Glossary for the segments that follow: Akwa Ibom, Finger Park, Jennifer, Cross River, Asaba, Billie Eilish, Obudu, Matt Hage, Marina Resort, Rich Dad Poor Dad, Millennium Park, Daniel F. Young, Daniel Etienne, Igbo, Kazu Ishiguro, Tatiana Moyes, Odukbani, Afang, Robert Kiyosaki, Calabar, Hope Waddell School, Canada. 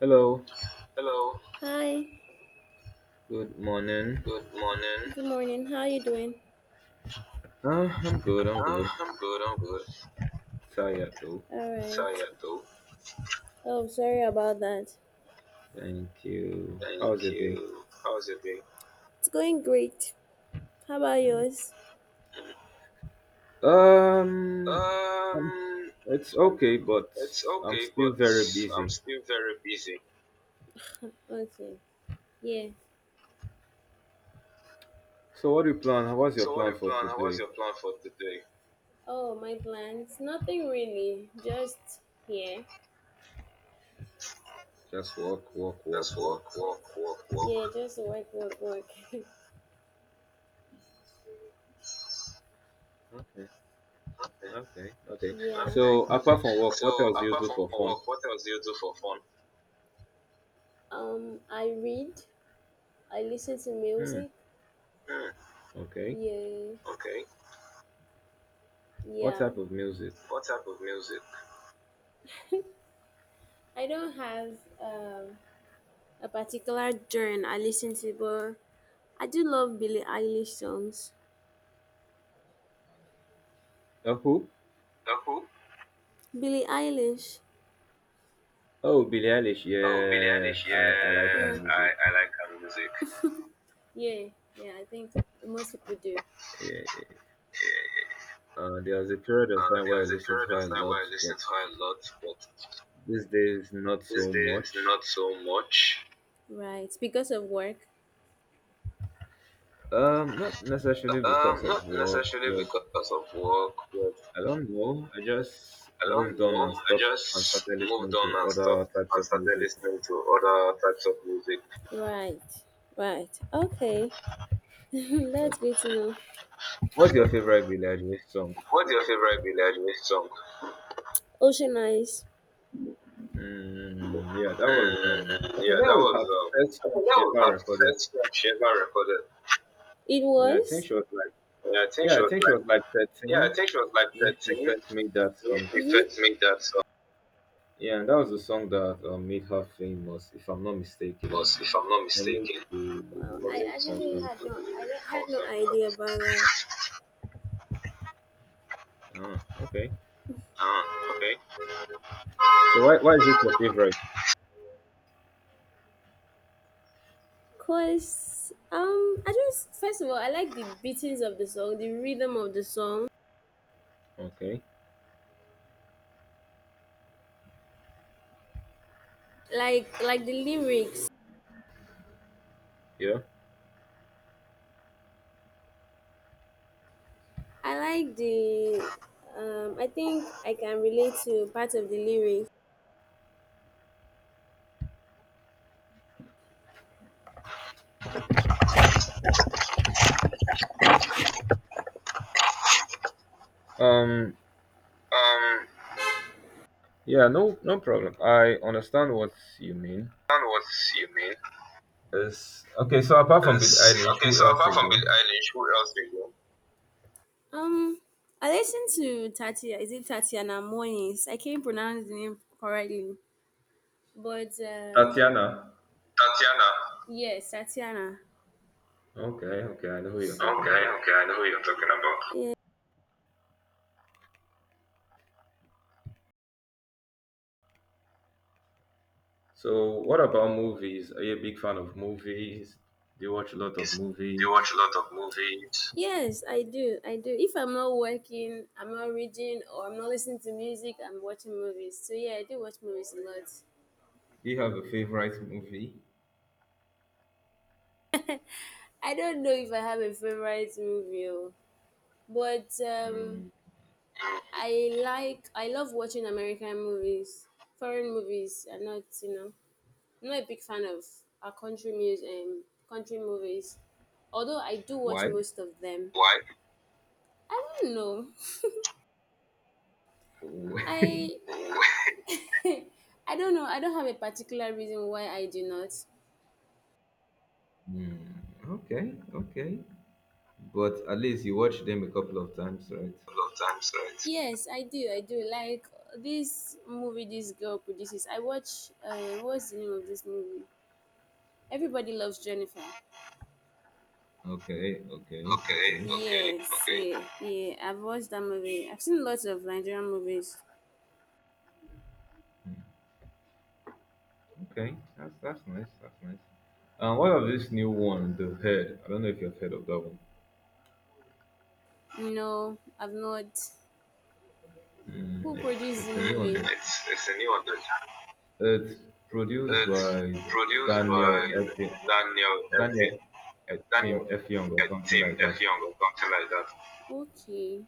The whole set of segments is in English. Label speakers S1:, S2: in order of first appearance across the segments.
S1: Hello,
S2: Hello. Hi,
S1: good morning.
S2: good morning. Good morning. How are you doing?
S1: I'm good, I'm good.
S2: I'm good. I'm good.
S1: Tired though.
S2: Alright. Sorry, right. I. Oh, sorry about that.
S1: Thank you.
S2: Thank
S1: How's your day?
S2: you. How's your day? It's going great. How about
S1: Mm.
S2: yours?
S1: Um, um,
S2: Um,
S1: it's okay, but
S2: it's
S1: I'm
S2: okay,
S1: still
S2: but
S1: very busy.
S2: still very busy. Okay. Yeah.
S1: So, what do you plan? What's your plan
S2: Your
S1: for
S2: plan? How was
S1: today?
S2: your plan for today? Oh, my plans. Nothing really. Just, yeah.
S1: Just work, work, work,
S2: Just work,
S1: work.
S2: work, work. Yeah, work, just work, work, work.
S1: Okay, okay.
S2: Yeah. Okay.
S1: So, apart from work, what
S2: So,
S1: else do you do for
S2: or
S1: fun?
S2: work, what else do you do for fun? I read, I listen to
S1: Hmm,
S2: music. Hmm.
S1: okay.
S2: Yeah, okay.
S1: What
S2: Yeah.
S1: type of music?
S2: What type of music? I don't have um a particular genre I listen to, but I do love Billie Eilish songs.
S1: Who?
S2: Who? Billie Eilish.
S1: Oh, Billie Eilish.
S2: Oh, Billie
S1: Yes,
S2: Eilish.
S1: I like her
S2: Yeah, yeah, I,
S1: music.
S2: I like her music. Yeah, yeah. I think most people do.
S1: Yeah. There was a period of time
S2: There
S1: where I
S2: was a
S1: listened to
S2: period of
S1: her a
S2: time
S1: lot,
S2: where I
S1: but
S2: listened to her a lot, but
S1: these days not
S2: these
S1: so
S2: days,
S1: much.
S2: not so much. Right. Because of work.
S1: Not necessarily because of
S2: Not
S1: work,
S2: necessarily
S1: but
S2: because of work, but
S1: I don't know. I just
S2: I
S1: moved
S2: don't
S1: on and
S2: know. I
S1: stopped and
S2: just
S1: started listening
S2: moved
S1: to
S2: on and
S1: other
S2: stopped
S1: types
S2: and
S1: of
S2: started
S1: music.
S2: listening to other types of music. Right. Right. Okay.
S1: Uh,
S2: That's good to know.
S1: what's your favorite Billie Eilish song?
S2: What's your favorite Billie Eilish song? Ocean Eyes.
S1: Mm, yeah, that was
S2: Mm,
S1: I think
S2: yeah,
S1: that
S2: that
S1: was
S2: was,
S1: her first
S2: I
S1: song
S2: think
S1: she
S2: that was
S1: ever
S2: her
S1: recorded.
S2: first song she ever recorded. It
S1: Yeah, I think
S2: was?
S1: she was like,
S2: Yeah, I think
S1: yeah,
S2: she
S1: I
S2: was
S1: think she
S2: like
S1: was like
S2: yeah, I
S1: 13
S2: think she was like
S1: when she
S2: 13.
S1: first made that
S2: You
S1: song.
S2: first made that song
S1: Yeah, and that was the song that made her famous, if I'm not mistaken.
S2: was, if I'm not
S1: I need
S2: mistaken.
S1: to
S2: Wow, I actually
S1: confirm
S2: had
S1: that.
S2: no, I do had no idea about that.
S1: Ah, okay.
S2: Ah, okay.
S1: So why is it your favorite?
S2: Cause, I just, first of all, I like the beatings of the song, the rhythm of the song,
S1: Okay.
S2: like the lyrics.
S1: Yeah.
S2: I like the, I think I can relate to part of the lyrics.
S1: Um.
S2: I
S1: Yeah. No. No problem. I understand what you mean.
S2: don't know what you mean.
S1: It's okay. So apart from Billie Eilish,
S2: Okay,
S1: who
S2: so
S1: else do
S2: apart
S1: you
S2: from Billie
S1: do?
S2: Eilish, who else do you know? Um, I listened to Tatia. Is it Tatiana Moyes? I can't pronounce the name correctly, but
S1: Tatiana.
S2: Tatiana. Yes, Tatiana.
S1: Okay. Okay. I know who you're talking
S2: Okay,
S1: about.
S2: okay, I know who you're talking about. Yeah.
S1: So what about movies? Are you a big fan of movies? Do you watch a lot of
S2: Yes. Do you watch
S1: movies?
S2: a lot of movies? Yes, I do. I do. If I'm not working, I'm not reading, or I'm not listening to music, I'm watching movies. So yeah, I do watch movies a lot.
S1: Do you have a favorite movie?
S2: I don't know if I have a favorite movie, oh, but
S1: Mm,
S2: I love watching American movies. Foreign movies are not, you know, I'm not a big fan of our country movies. Although I do watch
S1: why?
S2: most of them. Why? I don't know.
S1: Oh,
S2: I. I don't know. I don't have a particular reason why I do not.
S1: hmm, okay, okay. But at least you watched them a couple of times, right?
S2: A lot of times, right? Yes, I do. I do like this movie this girl produces. I watch, what's the name of this movie? Everybody loves Jennifer.
S1: Okay, okay,
S2: Okay,
S1: okay,
S2: okay, yes, okay. Yeah, yeah. I've watched that movie. I've seen lots of Nigerian movies.
S1: okay. That's nice. That's nice. And what of this new one, the head? I don't know if you've heard of that one.
S2: No, I've not.
S1: Hmm,
S2: Who produced the
S1: it's a new one
S2: movie?
S1: that
S2: It's a new one.
S1: it's produced
S2: It's
S1: by
S2: produced
S1: Daniel
S2: by
S1: Etienne,
S2: Daniel
S1: Daniel
S2: F.
S1: Etienne
S2: Daniel
S1: F Young or something
S2: Tim
S1: like that.
S2: F. Young or something like that. Okay.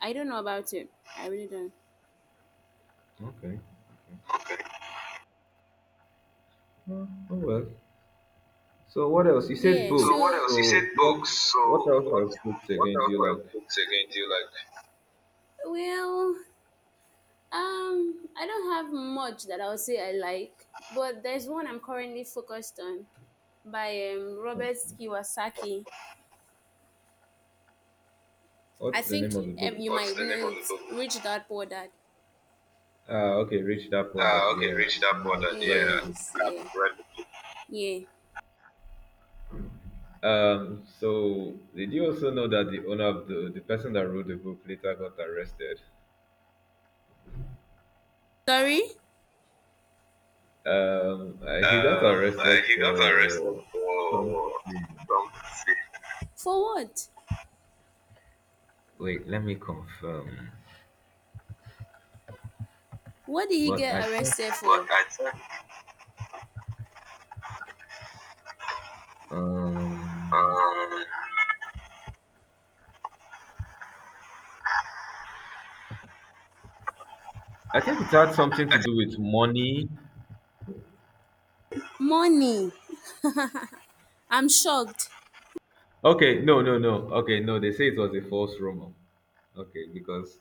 S2: I don't know about it. I really don't.
S1: Okay.
S2: Okay.
S1: Oh, oh well. So what else? You said
S2: Yeah, so
S1: books.
S2: what, so else? You said
S1: So what
S2: books.
S1: what
S2: So
S1: else for books
S2: what
S1: again do
S2: else
S1: you
S2: for
S1: like?
S2: books again do you like? Well, I don't have much that I'll say I like, but there's one I'm currently focused on by,
S1: Oh.
S2: Robert Kiyosaki. I
S1: What's the
S2: think,
S1: name of the book?
S2: you. What's might the name know of the it. Book? Rich Dad Poor Dad.
S1: Ah, okay, Rich Dad Poor Dad.
S2: Ah, okay,
S1: Yeah,
S2: Rich Dad Poor
S1: I've
S2: Dad.
S1: read the
S2: Yeah,
S1: book.
S2: yes, yeah, I've read. It. Yeah.
S1: So did you also know that the owner of the person that wrote the book later got arrested?
S2: Sorry.
S1: He got arrested
S2: He got arrested
S1: for
S2: for
S1: something.
S2: something, for what?
S1: Wait, let me confirm.
S2: What did he
S1: But I
S2: get
S1: think,
S2: arrested but for? I checked,
S1: um,
S2: um
S1: I think it had something to do with money.
S2: money. I'm shocked.
S1: Okay, no, no, no. Okay, no. They say it was a false rumor. Okay, because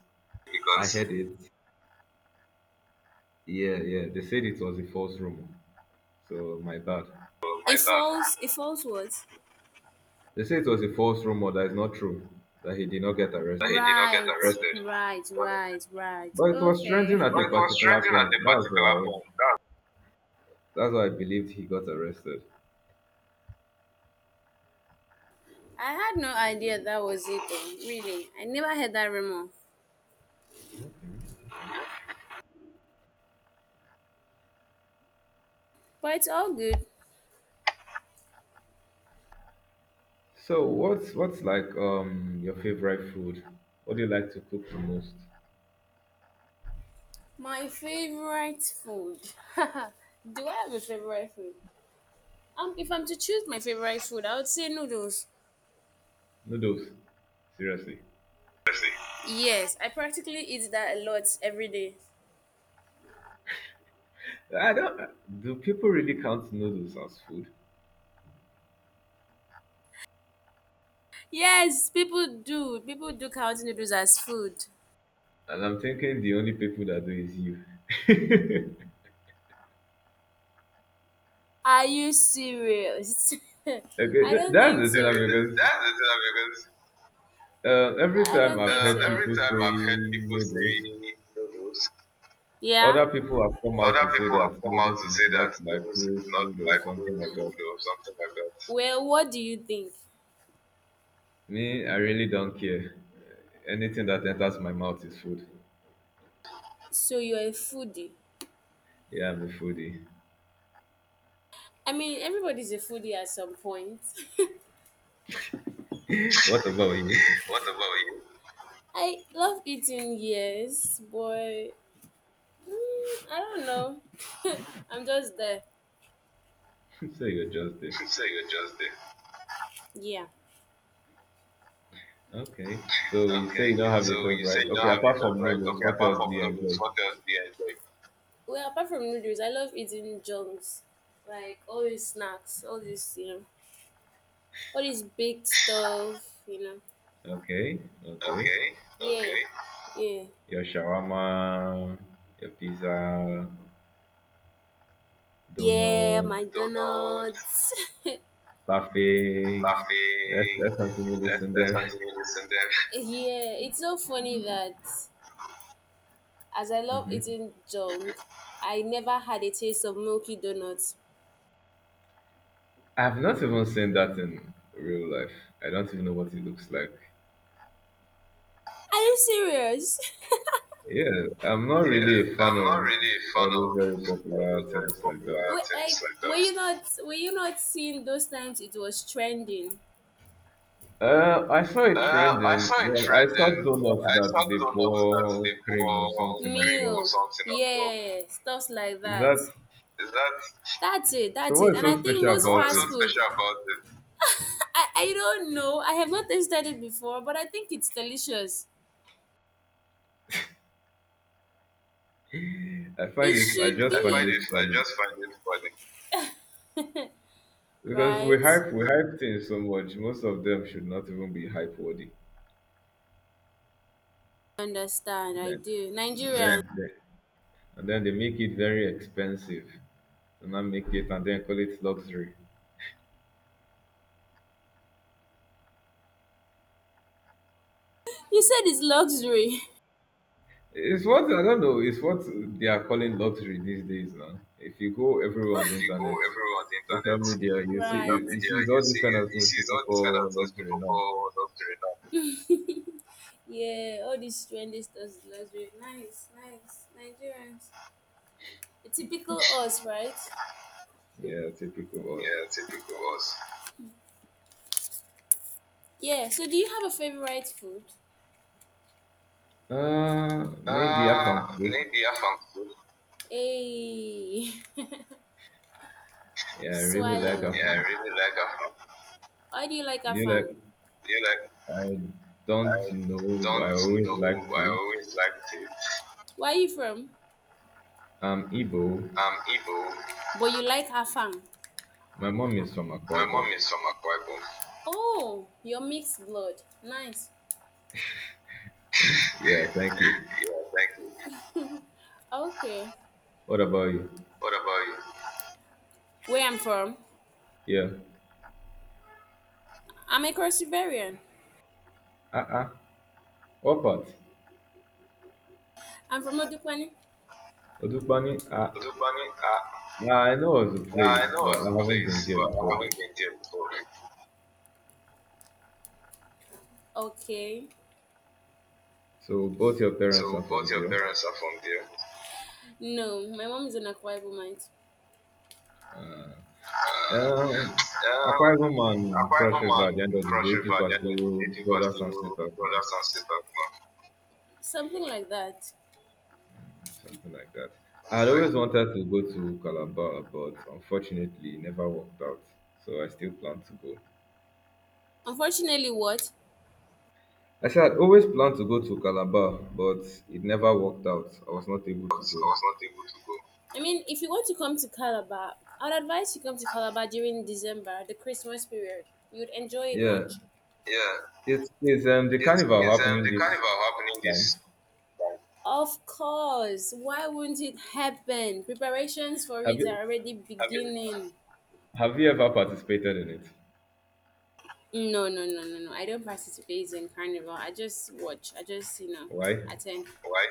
S1: I
S2: Because.
S1: heard it. Yeah, yeah. They said it was a false rumor. So my bad.
S2: It's falls. It falls what?
S1: They say it was a false rumor that is not true, that he did not get
S2: That he did
S1: arrested.
S2: not get. Right,
S1: But
S2: arrested. Right. But right. Right.
S1: but it was
S2: Okay.
S1: trending
S2: It
S1: at a
S2: was
S1: particular
S2: trending at
S1: point.
S2: a
S1: That's
S2: particular
S1: why
S2: point. That's.
S1: that's why I believed he got arrested.
S2: I had no idea that was it though. Really. I never heard that rumor. But it's all good.
S1: So what's like your favorite food? What do you like to cook the most?
S2: My favorite food. Do I have a favorite food? If I'm to choose my favorite food, I would say noodles.
S1: Noodles. Seriously.
S2: Crazy. Yes, I practically eat that a lot every day.
S1: I don't— do people really count noodles as food?
S2: Yes, people do. People do count noodles as food.
S1: And I'm thinking the only people that do is you. Okay,
S2: Are you serious? I don't. That's
S1: that's the thing because
S2: the thing,
S1: every time
S2: because
S1: I've
S2: think,
S1: heard
S2: every
S1: people
S2: so. Time
S1: say
S2: I've heard people
S1: noodles,
S2: say noodles, yeah,
S1: other people have come out
S2: other
S1: to say
S2: people have
S1: that
S2: come out
S1: noodles
S2: to
S1: is
S2: say
S1: not
S2: that
S1: like
S2: noodles
S1: real
S2: is not
S1: food or
S2: like
S1: something
S2: real
S1: like that.
S2: food or something like that. Well, what do you think?
S1: Me, I really don't care. Anything that enters my mouth is food.
S2: So you're a foodie.
S1: Yeah, I'm a foodie.
S2: I mean, everybody's a foodie at some point.
S1: What about you?
S2: What about you? I love eating, yes, but mm, I don't know. I'm just there.
S1: So you're just there.
S2: You say you're just there. Yeah.
S1: Okay. So you say you don't have a
S2: You say
S1: favorite.
S2: you don't
S1: Okay,
S2: have
S1: apart
S2: it.
S1: from noodles,
S2: Okay,
S1: what
S2: apart
S1: else
S2: from
S1: do you
S2: noodles,
S1: enjoy?
S2: what else do you enjoy? Well, apart from noodles, I love eating junks, like all these snacks, all this, all this baked stuff.
S1: Okay, okay.
S2: Okay, yeah, okay.
S1: Your shawarma, your pizza,
S2: Yeah, yeah. Donuts,
S1: donuts,
S2: McDonald's. Yeah,
S1: parfait. Let's
S2: buffet.
S1: let's continue this
S2: Let's,
S1: and
S2: let's
S1: then.
S2: continue this, and then. Yeah, it's so funny that as I love eating junk, I never had a taste of milky donuts.
S1: I've not even seen that in real life. I don't even know what it looks like.
S2: Are you serious?
S1: Yeah, I'm not
S2: Yeah,
S1: really a fan
S2: I'm not
S1: of
S2: really a fan
S1: all these
S2: of
S1: very popular things like that.
S2: popular. Wait, things like were that? You not, were you not seeing those times it was trending?
S1: I saw it
S2: I
S1: trending.
S2: saw a
S1: Well, I saw
S2: trend.
S1: donuts
S2: I saw
S1: that they
S2: donuts that they
S1: pour cream or
S2: pour
S1: something on
S2: grape or
S1: top.
S2: milk, something on top. Yeah, stuff like
S1: Is
S2: that.
S1: that
S2: Is that. That's it,
S1: so?
S2: that's it.
S1: What's
S2: And
S1: so
S2: I think so?
S1: special
S2: Most.
S1: about
S2: What is fast
S1: it?
S2: so food, special about it? I don't know. I have not tasted it before, but I think it's delicious.
S1: I find
S2: It
S1: it. I
S2: should,
S1: just
S2: I
S1: find
S2: find, be.
S1: it
S2: It. I
S1: funny
S2: just find it funny.
S1: because we
S2: Right?
S1: hype we hype things so much. Most of them should not even be hype worthy.
S2: Understand, I
S1: Then,
S2: do. Nigerian.
S1: then, then, and then they make it very expensive, and not make it and then call it luxury.
S2: You said it's luxury.
S1: It's what— I don't know. It's what they are calling luxury these days now. If you go everywhere on the
S2: If you go
S1: internet,
S2: everywhere on the
S1: social
S2: internet, social.
S1: media, you see
S2: Right. Social
S1: you, you
S2: media,
S1: see
S2: you
S1: all these kind of things
S2: see
S1: people
S2: all this kind of
S1: call
S2: thing
S1: luxury now.
S2: for luxury now. Yeah, all these trendy stuff is luxury. Nice, nice. Nigerians. The typical us, right?
S1: Yeah, typical us.
S2: Yeah, typical us. Yeah. So do you have a favorite food?
S1: Maybe Afang too.
S2: Maybe Afang food. Hey.
S1: Yeah, I really like
S2: Swallow. Yeah, I
S1: Afang.
S2: really like Afang. Why do you like
S1: You
S2: afang?
S1: like?
S2: Do you like?
S1: I don't
S2: I
S1: know. I
S2: don't.
S1: always liked
S2: I
S1: it.
S2: always liked it. Where are you from?
S1: Igbo.
S2: I'm Igbo. But you like Afang.
S1: My mom is from Akwa
S2: My
S1: Ibom.
S2: mom is from Akwa Ibom. Oh, you're mixed blood. Nice.
S1: Yeah, thank you.
S2: Yeah, thank you. Okay.
S1: What about you?
S2: What about you? Where I'm from?
S1: Yeah.
S2: I'm a Crossivarian.
S1: Uh-uh. What part?
S2: I'm from Odupani.
S1: Odukbani,
S2: Lubami,
S1: I know of the
S2: yeah, I
S1: place,
S2: know
S1: but I
S2: of the
S1: haven't been
S2: place,
S1: there
S2: but I
S1: before.
S2: haven't been there before. Okay.
S1: So both your parents are from
S2: Both your
S1: there.
S2: parents are from there. No, my mom is an Akwa Ibomite.
S1: Um,
S2: Um,
S1: Akwa Ibom and
S2: Akwa
S1: Cross
S2: Ibom
S1: River, at
S2: and
S1: the end of the
S2: Cross
S1: day,
S2: River,
S1: people are still
S2: creative
S1: brothers
S2: fasting,
S1: and sisters now,
S2: brothers and sisters, no, something like that.
S1: something like that. I had
S2: Something like.
S1: always wanted to go to Calabar, but unfortunately, it never worked out. So I still plan to go.
S2: Unfortunately, what? That.
S1: I said I'd always planned to go to Calabar, but it never worked out. I was not able
S2: I
S1: to go.
S2: was not able to go. I mean, if you want to come to Calabar, I would advise you come to Calabar during December, the Christmas period. You'd enjoy it
S1: Yeah,
S2: much. Yeah,
S1: it's the carnival happening
S2: the
S1: this
S2: carnival happening
S1: time.
S2: this time. Of course. Why wouldn't it happen? Preparations for
S1: Have
S2: it
S1: you
S2: are already. Have you? Beginning.
S1: Have you ever participated in it?
S2: No, no, no, no, no. I don't participate in carnival. I just watch. I just,
S1: Why?
S2: attend. Why?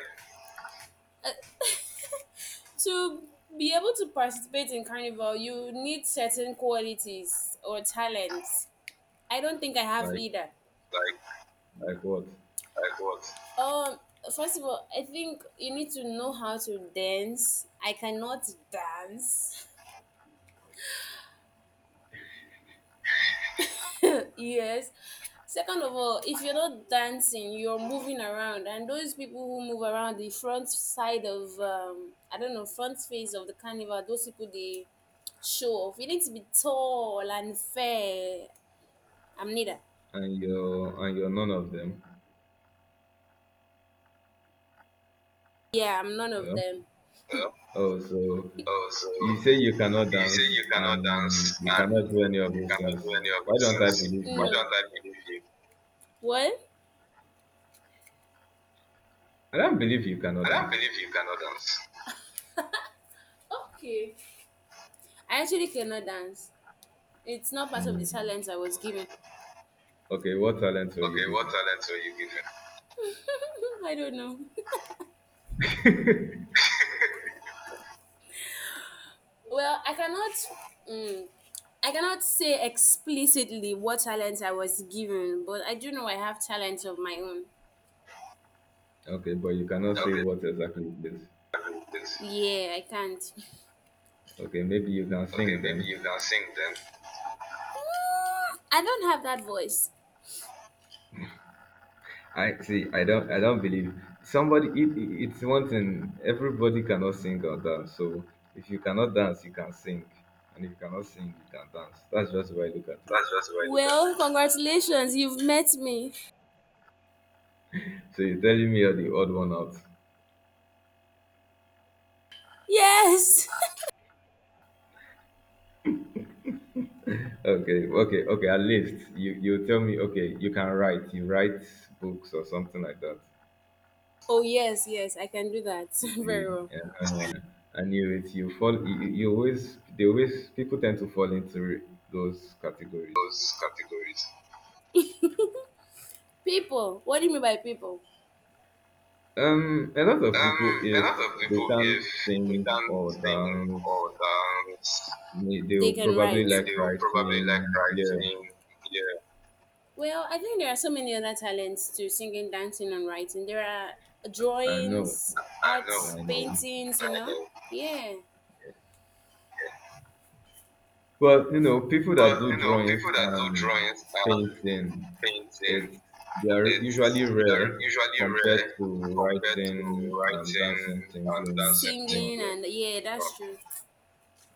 S2: To be able to participate in carnival, you need certain qualities or talents. I don't think I have
S1: Like
S2: either. Like,
S1: like what?
S2: like what? Um, First of all, I think you need to know how to dance. I cannot dance. Yes. Second of all, if you're not dancing, you're moving around, and those people who move around the front side of, I don't know, front face of the carnival, those people they show off. You need to be tall and fair. I'm neither.
S1: And you're none of them.
S2: Yeah, I'm none of
S1: Yeah.
S2: them. No?
S1: Oh, so
S2: Oh, so
S1: you say you cannot
S2: you say
S1: dance
S2: you cannot dance
S1: and you
S2: and
S1: cannot do any of those
S2: not do
S1: things.
S2: any of
S1: Why
S2: those
S1: don't I
S2: things.
S1: believe
S2: Why. No.
S1: you?
S2: Don't I believe you? What?
S1: I don't believe you cannot
S2: I don't
S1: dance.
S2: believe you cannot dance. Okay. I actually cannot dance. It's not part of
S1: Hmm.
S2: the talent I was given.
S1: Okay, what talents were you
S2: Okay, what
S1: given?
S2: talent were you given? I don't know. Well, I cannot. Mm, I cannot say explicitly what talent I was given, but I do know I have talents of my own.
S1: Okay, but you cannot say what exactly it is.
S2: This. Yeah, I can't.
S1: Okay, maybe you can sing then.
S2: You can sing then. I don't have that voice.
S1: I see. I don't. I don't believe somebody. It's one thing. Everybody cannot sing or dance. So if you cannot dance, you can sing, and if you cannot sing, you can dance. That's just the way I look at it.
S2: That's just why. Well, congratulations, you've met me.
S1: So you're telling me you're the odd one out.
S2: Yes.
S1: Okay. At least you tell me. Okay, you can write. You write books or something like that.
S2: Oh yes, yes, I can do that
S1: You see.
S2: very well.
S1: Yeah. And you it. You fall. You always. They always. People tend to fall into those categories.
S2: Those categories. People, what do you mean by people?
S1: A lot of people,
S2: A
S1: if
S2: lot of
S1: they
S2: people,
S1: can't
S2: if we
S1: sing
S2: can
S1: or dance,
S2: or dance,
S1: they
S2: they
S1: will
S2: can
S1: probably
S2: write.
S1: like
S2: Will
S1: writing.
S2: probably like
S1: Yeah,
S2: writing. Yeah. Well, I think there are so many other talents to singing, dancing, and writing. There are
S1: I know,
S2: drawings, I know, arts,
S1: I know.
S2: paintings, you. I know? Know. Yeah.
S1: But you know, people
S2: But
S1: that do
S2: you know,
S1: drawings
S2: people that do
S1: and
S2: drawings and
S1: painting,
S2: painting,
S1: it's they are
S2: it,
S1: usually
S2: they are
S1: rare
S2: usually rare
S1: compared to
S2: to
S1: writing and
S2: writing
S1: dancing,
S2: and
S1: singing.
S2: dancing.
S1: You know,
S2: Singing, people. And yeah, that's, true.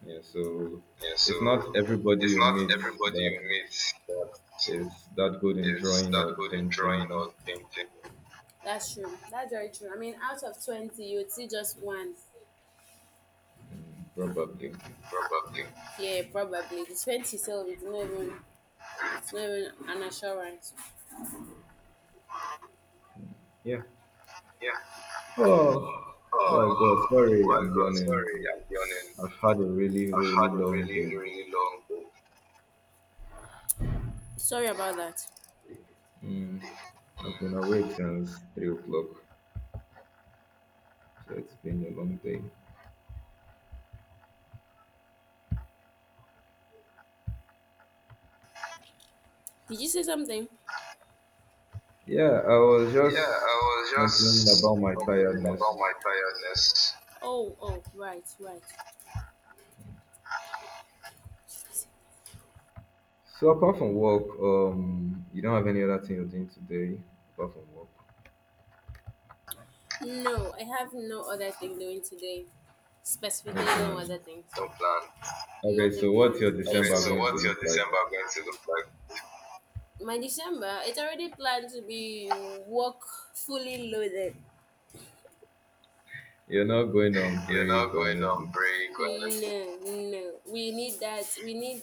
S1: yeah. So
S2: Yeah, so
S1: it's not everybody
S2: it's
S1: you
S2: not
S1: meet
S2: everybody
S1: that
S2: you meet that's
S1: is that good in drawing
S2: that
S1: or
S2: good in drawing
S1: painting,
S2: or painting. That's true. That's very true. I mean, out of 20, you'd see just one.
S1: mm, probably.
S2: Probably. Yeah, probably. The spend itself, it's not even, it's not even an assurance.
S1: Yeah.
S2: Yeah.
S1: Oh my God. Sorry,
S2: Oh
S1: I'm
S2: God,
S1: yawning.
S2: sorry, I'm yawning.
S1: I've had a really,
S2: I've
S1: really
S2: had a
S1: long day.
S2: really, really long day. Sorry about that.
S1: Mm, I've been awake since 3 o'clock, so it's been a long day.
S2: Did you say something?
S1: Yeah, I was
S2: I,
S1: just
S2: I was
S1: complaining
S2: just
S1: about my
S2: about my
S1: tiredness.
S2: tiredness. Oh, right, right.
S1: So apart from work, you don't have any other thing you're doing today apart from work?
S2: No, I have no other thing doing today.
S1: No
S2: Specifically, no other
S1: plans.
S2: thing. No plan.
S1: Okay,
S2: Nothing.
S1: so what's your
S2: Okay, just
S1: December
S2: so work.
S1: going to
S2: What's your
S1: look
S2: December
S1: like?
S2: going to look like? My December, it's already planned to be work, fully loaded.
S1: You're not going on
S2: You're
S1: break
S2: not
S1: or
S2: going on
S1: anything.
S2: break or anything. No, no. We need that. We need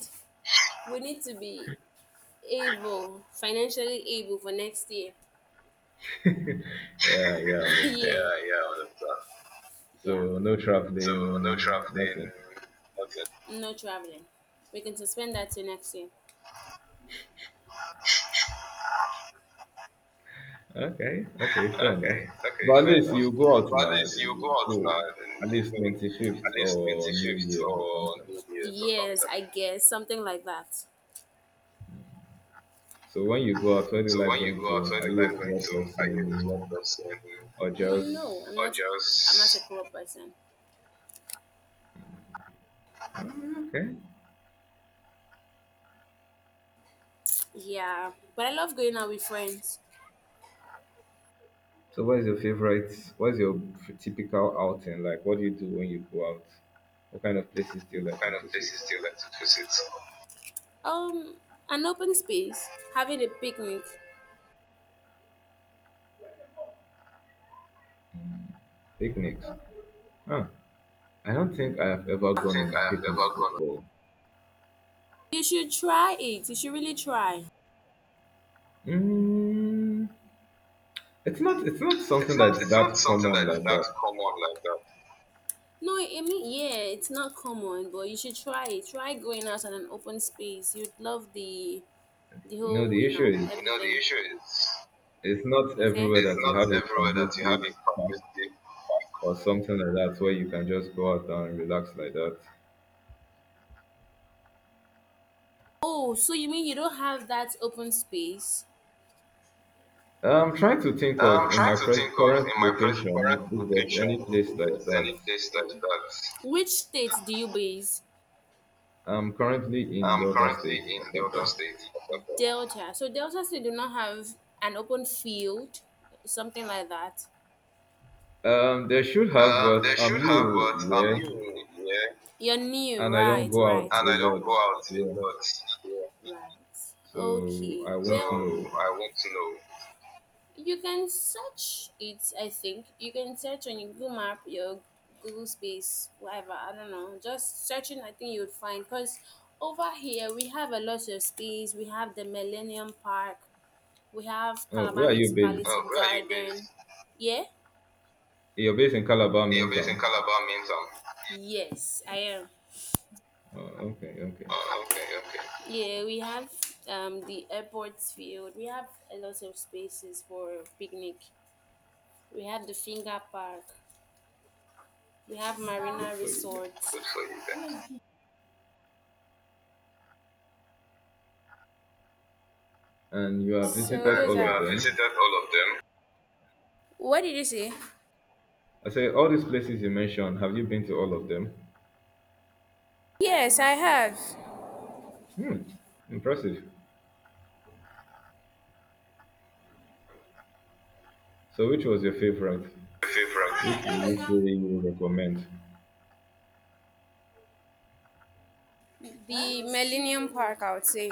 S2: we need to be able, financially able for next year.
S1: Yeah, yeah, I
S2: Yeah.
S1: understand.
S2: Yeah, yeah, all of that. Yeah.
S1: So no
S2: So no
S1: traveling,
S2: traveling,
S1: nothing.
S2: nothing. No traveling. We can suspend that to next year.
S1: Okay, okay, fair
S2: Okay,
S1: enough.
S2: okay,
S1: But at
S2: fair
S1: least
S2: enough.
S1: you go out
S2: At
S1: now,
S2: least you go
S1: so
S2: out now
S1: at
S2: and
S1: least
S2: go at
S1: 25th
S2: least
S1: or New Year's or something.
S2: or New Year's or yes, something. I guess. Something like that.
S1: So when you go out, where do you
S2: So
S1: like
S2: when you
S1: going
S2: go
S1: to?
S2: outside
S1: Are
S2: in life,
S1: you a
S2: like,
S1: club
S2: are you a
S1: person
S2: close
S1: or
S2: and no, I'm or not. I'm
S1: just—
S2: not a just club person.
S1: oh, okay.
S2: Yeah, but I love going out with friends.
S1: So what's your typical outing? Like what do you do when you go out? What kind of places do you
S2: What
S1: like to
S2: kind of
S1: visit?
S2: places do you like to visit? Um, an open space, having a picnic.
S1: Picnics. Huh. I don't think I have ever
S2: I
S1: gone on
S2: think I
S1: a
S2: have ever
S1: picnic
S2: gone.
S1: before.
S2: You should try it. You should really try.
S1: Mm, it's not something
S2: It's not
S1: that's that
S2: something
S1: common
S2: that's
S1: like
S2: that
S1: that.
S2: common like that. No, I mean, yeah, it's not common, but you should try it. Try going out on an open space. You'd love the
S1: You know,
S2: whole,
S1: the
S2: you
S1: issue
S2: know, you
S1: is
S2: know, the everything. Issue is
S1: it's not everywhere
S2: it's
S1: that you have
S2: not
S1: a
S2: everywhere that you have
S1: conducive
S2: a
S1: park
S2: permissive.
S1: or something like that where you can just go out and relax like that.
S2: Oh, so you mean you don't have that open space?
S1: I'm trying to think
S2: I'm
S1: of in
S2: trying
S1: my
S2: to think of in
S1: current
S2: my present
S1: location
S2: current
S1: if there's
S2: location.
S1: any place like
S2: There's
S1: that.
S2: any place like that. Which state do you base?
S1: I'm currently in the
S2: I'm
S1: other
S2: currently
S1: state.
S2: in the other
S1: Asaba.
S2: state. Delta. So Delta State do not have an open field, something like that.
S1: There should have, but
S2: They
S1: I'm
S2: should have,
S1: new,
S2: but
S1: yeah,
S2: I'm new, yeah. You're new,
S1: and I don't
S2: right?
S1: go
S2: Right.
S1: out
S2: And
S1: a
S2: I don't
S1: lot,
S2: go out a
S1: yeah.
S2: lot. Yeah. Right.
S1: So
S2: Okay.
S1: I
S2: So,
S1: won't
S2: well,
S1: know.
S2: I want to know. You can search it. I think you can search on your Google Map, your Google Space, whatever. I don't know. Just searching, I think you would find. Cause over here we have a lot of space. We have the Millennium Park. We have
S1: Oh,
S2: Calabar.
S1: where are you based?
S2: Where are you based? Garden. Yeah.
S1: You're based in Calabar, main town.
S2: In Calabar, Minton. Yes, I am.
S1: Oh, okay, okay.
S2: Oh, okay, okay. Yeah, we have the airport field. We have a lot of spaces for picnic. We have the Finger Park. We have
S1: Good
S2: Marina
S1: for you then.
S2: Resort. Good for you then.
S1: And you
S2: So
S1: have visited
S2: those and
S1: all
S2: you
S1: of
S2: are. Have
S1: them.
S2: visited all of them. What did you say?
S1: I say, all these places you mentioned, have you been to all of them?
S2: Yes, I have.
S1: Hmm, impressive. So, which was your favorite?
S2: Your
S1: Which
S2: favorite?
S1: would you say you recommend?
S2: The Millennium Park, I would say.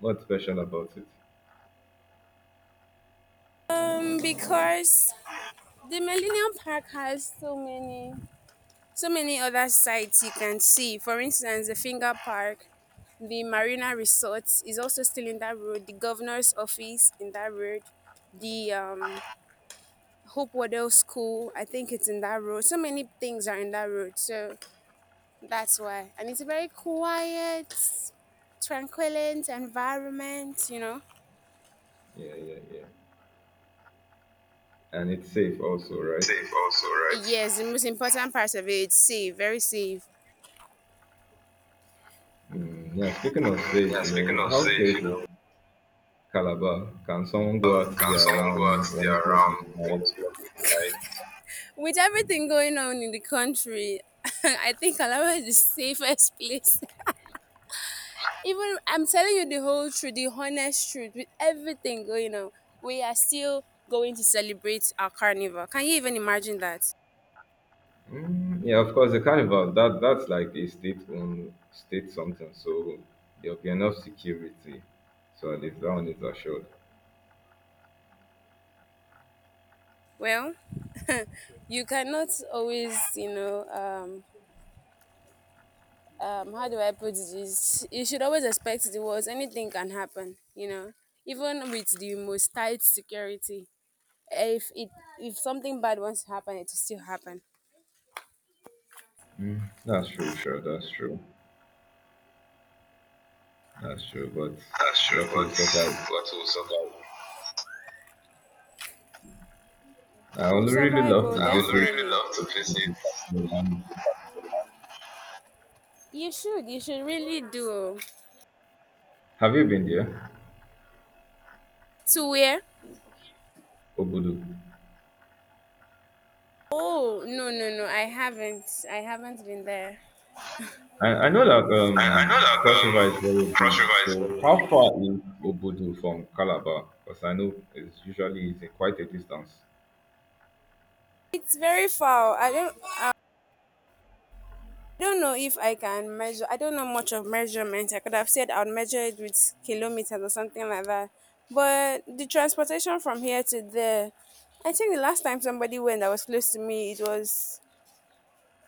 S1: What's special about it?
S2: Because the Millennium Park has so many, other sites you can see. For instance, the Finger Park, the Marina Resort is also still in that road. The governor's office in that road. The Hope Waddell School, I think it's in that road. So many things are in that road. So that's why. And it's a very quiet, tranquil environment, you know.
S1: Yeah, yeah, yeah. And it's safe also, right?
S2: Safe also, right? Yes, the most important part of it, safe, very safe.
S1: Mm, yeah, speaking of safe,
S2: Yeah,
S1: you know,
S2: speaking of
S1: how
S2: safe,
S1: safe
S2: you
S1: is
S2: know,
S1: Calabar? Can someone go out
S2: can
S1: there
S2: someone go out
S1: around one
S2: there
S1: o'clock in
S2: around
S1: the
S2: one
S1: night?
S2: o'clock midnight? With everything going on in the country, I think Calabar is the safest place. Even I'm telling you the whole truth, the honest truth, with everything going on, we are still going to celebrate our carnival. Can you even imagine that?
S1: Mm, yeah, of course, the carnival that that's like a state state something, so there'll be enough security. So at least that one is assured.
S2: Well, you cannot always, you know, how do I put this? You should always expect the worst. Anything can happen, you know, even with the most tight security. If it if something bad wants to happen, it will still happen.
S1: That's true, sure, that's true, that's true. But
S2: That's true,
S1: what will
S2: but
S1: sort out?
S2: what will survive?
S1: I
S2: We'll
S1: would really
S2: survive,
S1: love
S2: oh, I
S1: to
S2: would
S1: visit.
S2: really definitely love to visit.
S1: Um,
S2: You should. You should really do. Oh.
S1: have you been there,
S2: To where?
S1: Obudu?
S2: Oh, no, no, no! I haven't. I haven't been there.
S1: I know that
S2: I know that
S1: Cross River is very
S2: Cross
S1: big.
S2: River is
S1: So how
S2: very big.
S1: far is Obudu from Calabar? Because I know it's usually quite a distance.
S2: It's very far. I don't. I don't know if I can measure. I don't know much of measurement. I could have said I'll measure it with kilometers or something like that. But the transportation from here to there, I think the last time somebody went that was close to me, it was,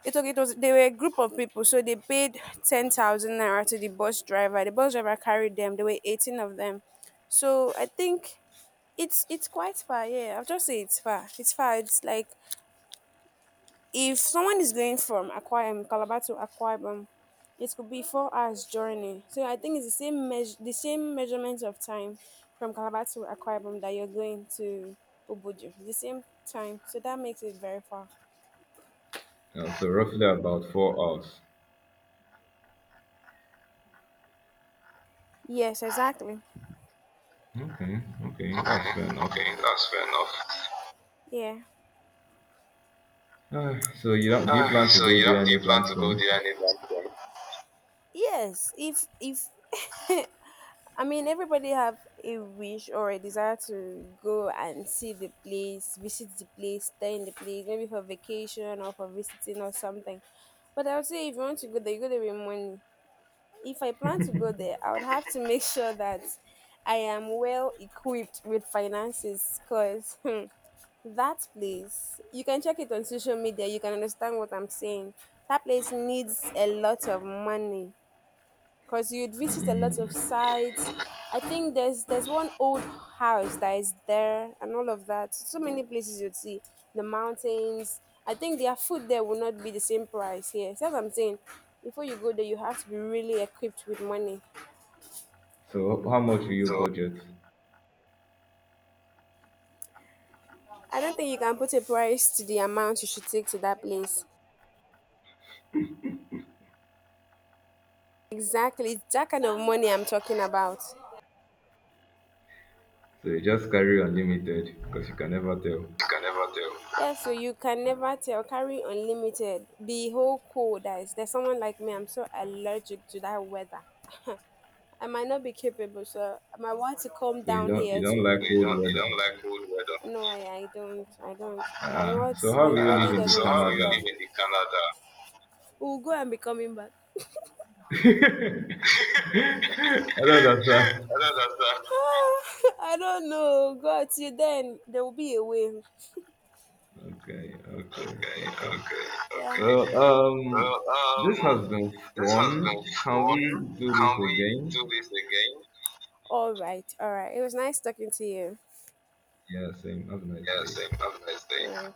S2: it was, they were a group of people, so they paid 10,000 naira to the bus driver. The bus driver carried them. There were 18 of them, so I think it's quite far. Yeah, I'll just say it's far. It's far. It's like if someone is going from Akwa Calabar to Akwa Ibom, it could be 4 hours journey. So I think it's the same measure, the same measurement of time from Calabar to Akwa Ibom that you're going to Obudu. It's the same time, so that makes it very far.
S1: You know, so roughly about 4 hours.
S2: Yes, exactly.
S1: Okay, okay, that's
S2: Okay,
S1: fair enough.
S2: okay, that's fair enough. Yeah.
S1: So you don't, do you plan to
S2: So
S1: go
S2: you
S1: there
S2: don't, do you
S1: anytime
S2: plan to go
S1: soon?
S2: there anytime soon? Yes, if I mean everybody have a wish or a desire to go and see the place, visit the place, stay in the place, maybe for vacation or for visiting or something. But I would say if you want to go there, you go there with money. If I plan to go there, I would have to make sure that I am well equipped with finances, cause that place, you can check it on social media, you can understand what I'm saying. That place needs a lot of money because you'd visit a lot of
S1: Mm.
S2: sites. I think there's one old house that is there and all of that. So many places you'd see. The mountains. I think their food there will not be the same price here. So that's what I'm saying. Before you go there, you have to be really equipped with money.
S1: So how much will you
S2: So
S1: budget?
S2: I don't think you can put a price to the amount you should take to that place. Exactly. It's that kind of money I'm talking about.
S1: So you just carry unlimited because you can never tell.
S2: You can never tell. Yeah, so you can never tell. Carry unlimited. Be whole cold guys. There's someone like me. I'm so allergic to that weather. I might not be capable, so I might want to come
S1: So
S2: down
S1: you
S2: here. To,
S1: don't like cold
S2: you
S1: weather.
S2: don't like cold weather. No, I don't. I don't. I'm
S1: Ah,
S2: not.
S1: so how
S2: My
S1: will you live
S2: body ah,
S1: in
S2: doesn't
S1: the
S2: so how will accept you that.
S1: Canada?
S2: Live in the Canada? We'll go and be coming back.
S1: I don't understand.
S2: I don't understand. Ah, I don't know. God, you then there will be a way.
S1: Okay,
S2: Okay,
S1: okay, okay.
S2: okay, yeah, okay.
S1: Well,
S2: Well,
S1: this has been
S2: this
S1: fun.
S2: has
S1: Can we
S2: one,
S1: do this
S2: can we
S1: again?
S2: do this again? All right, all right. It was nice talking to you.
S1: Yeah, same. Have a nice
S2: Yeah,
S1: day.
S2: same. Have a nice day. Yeah.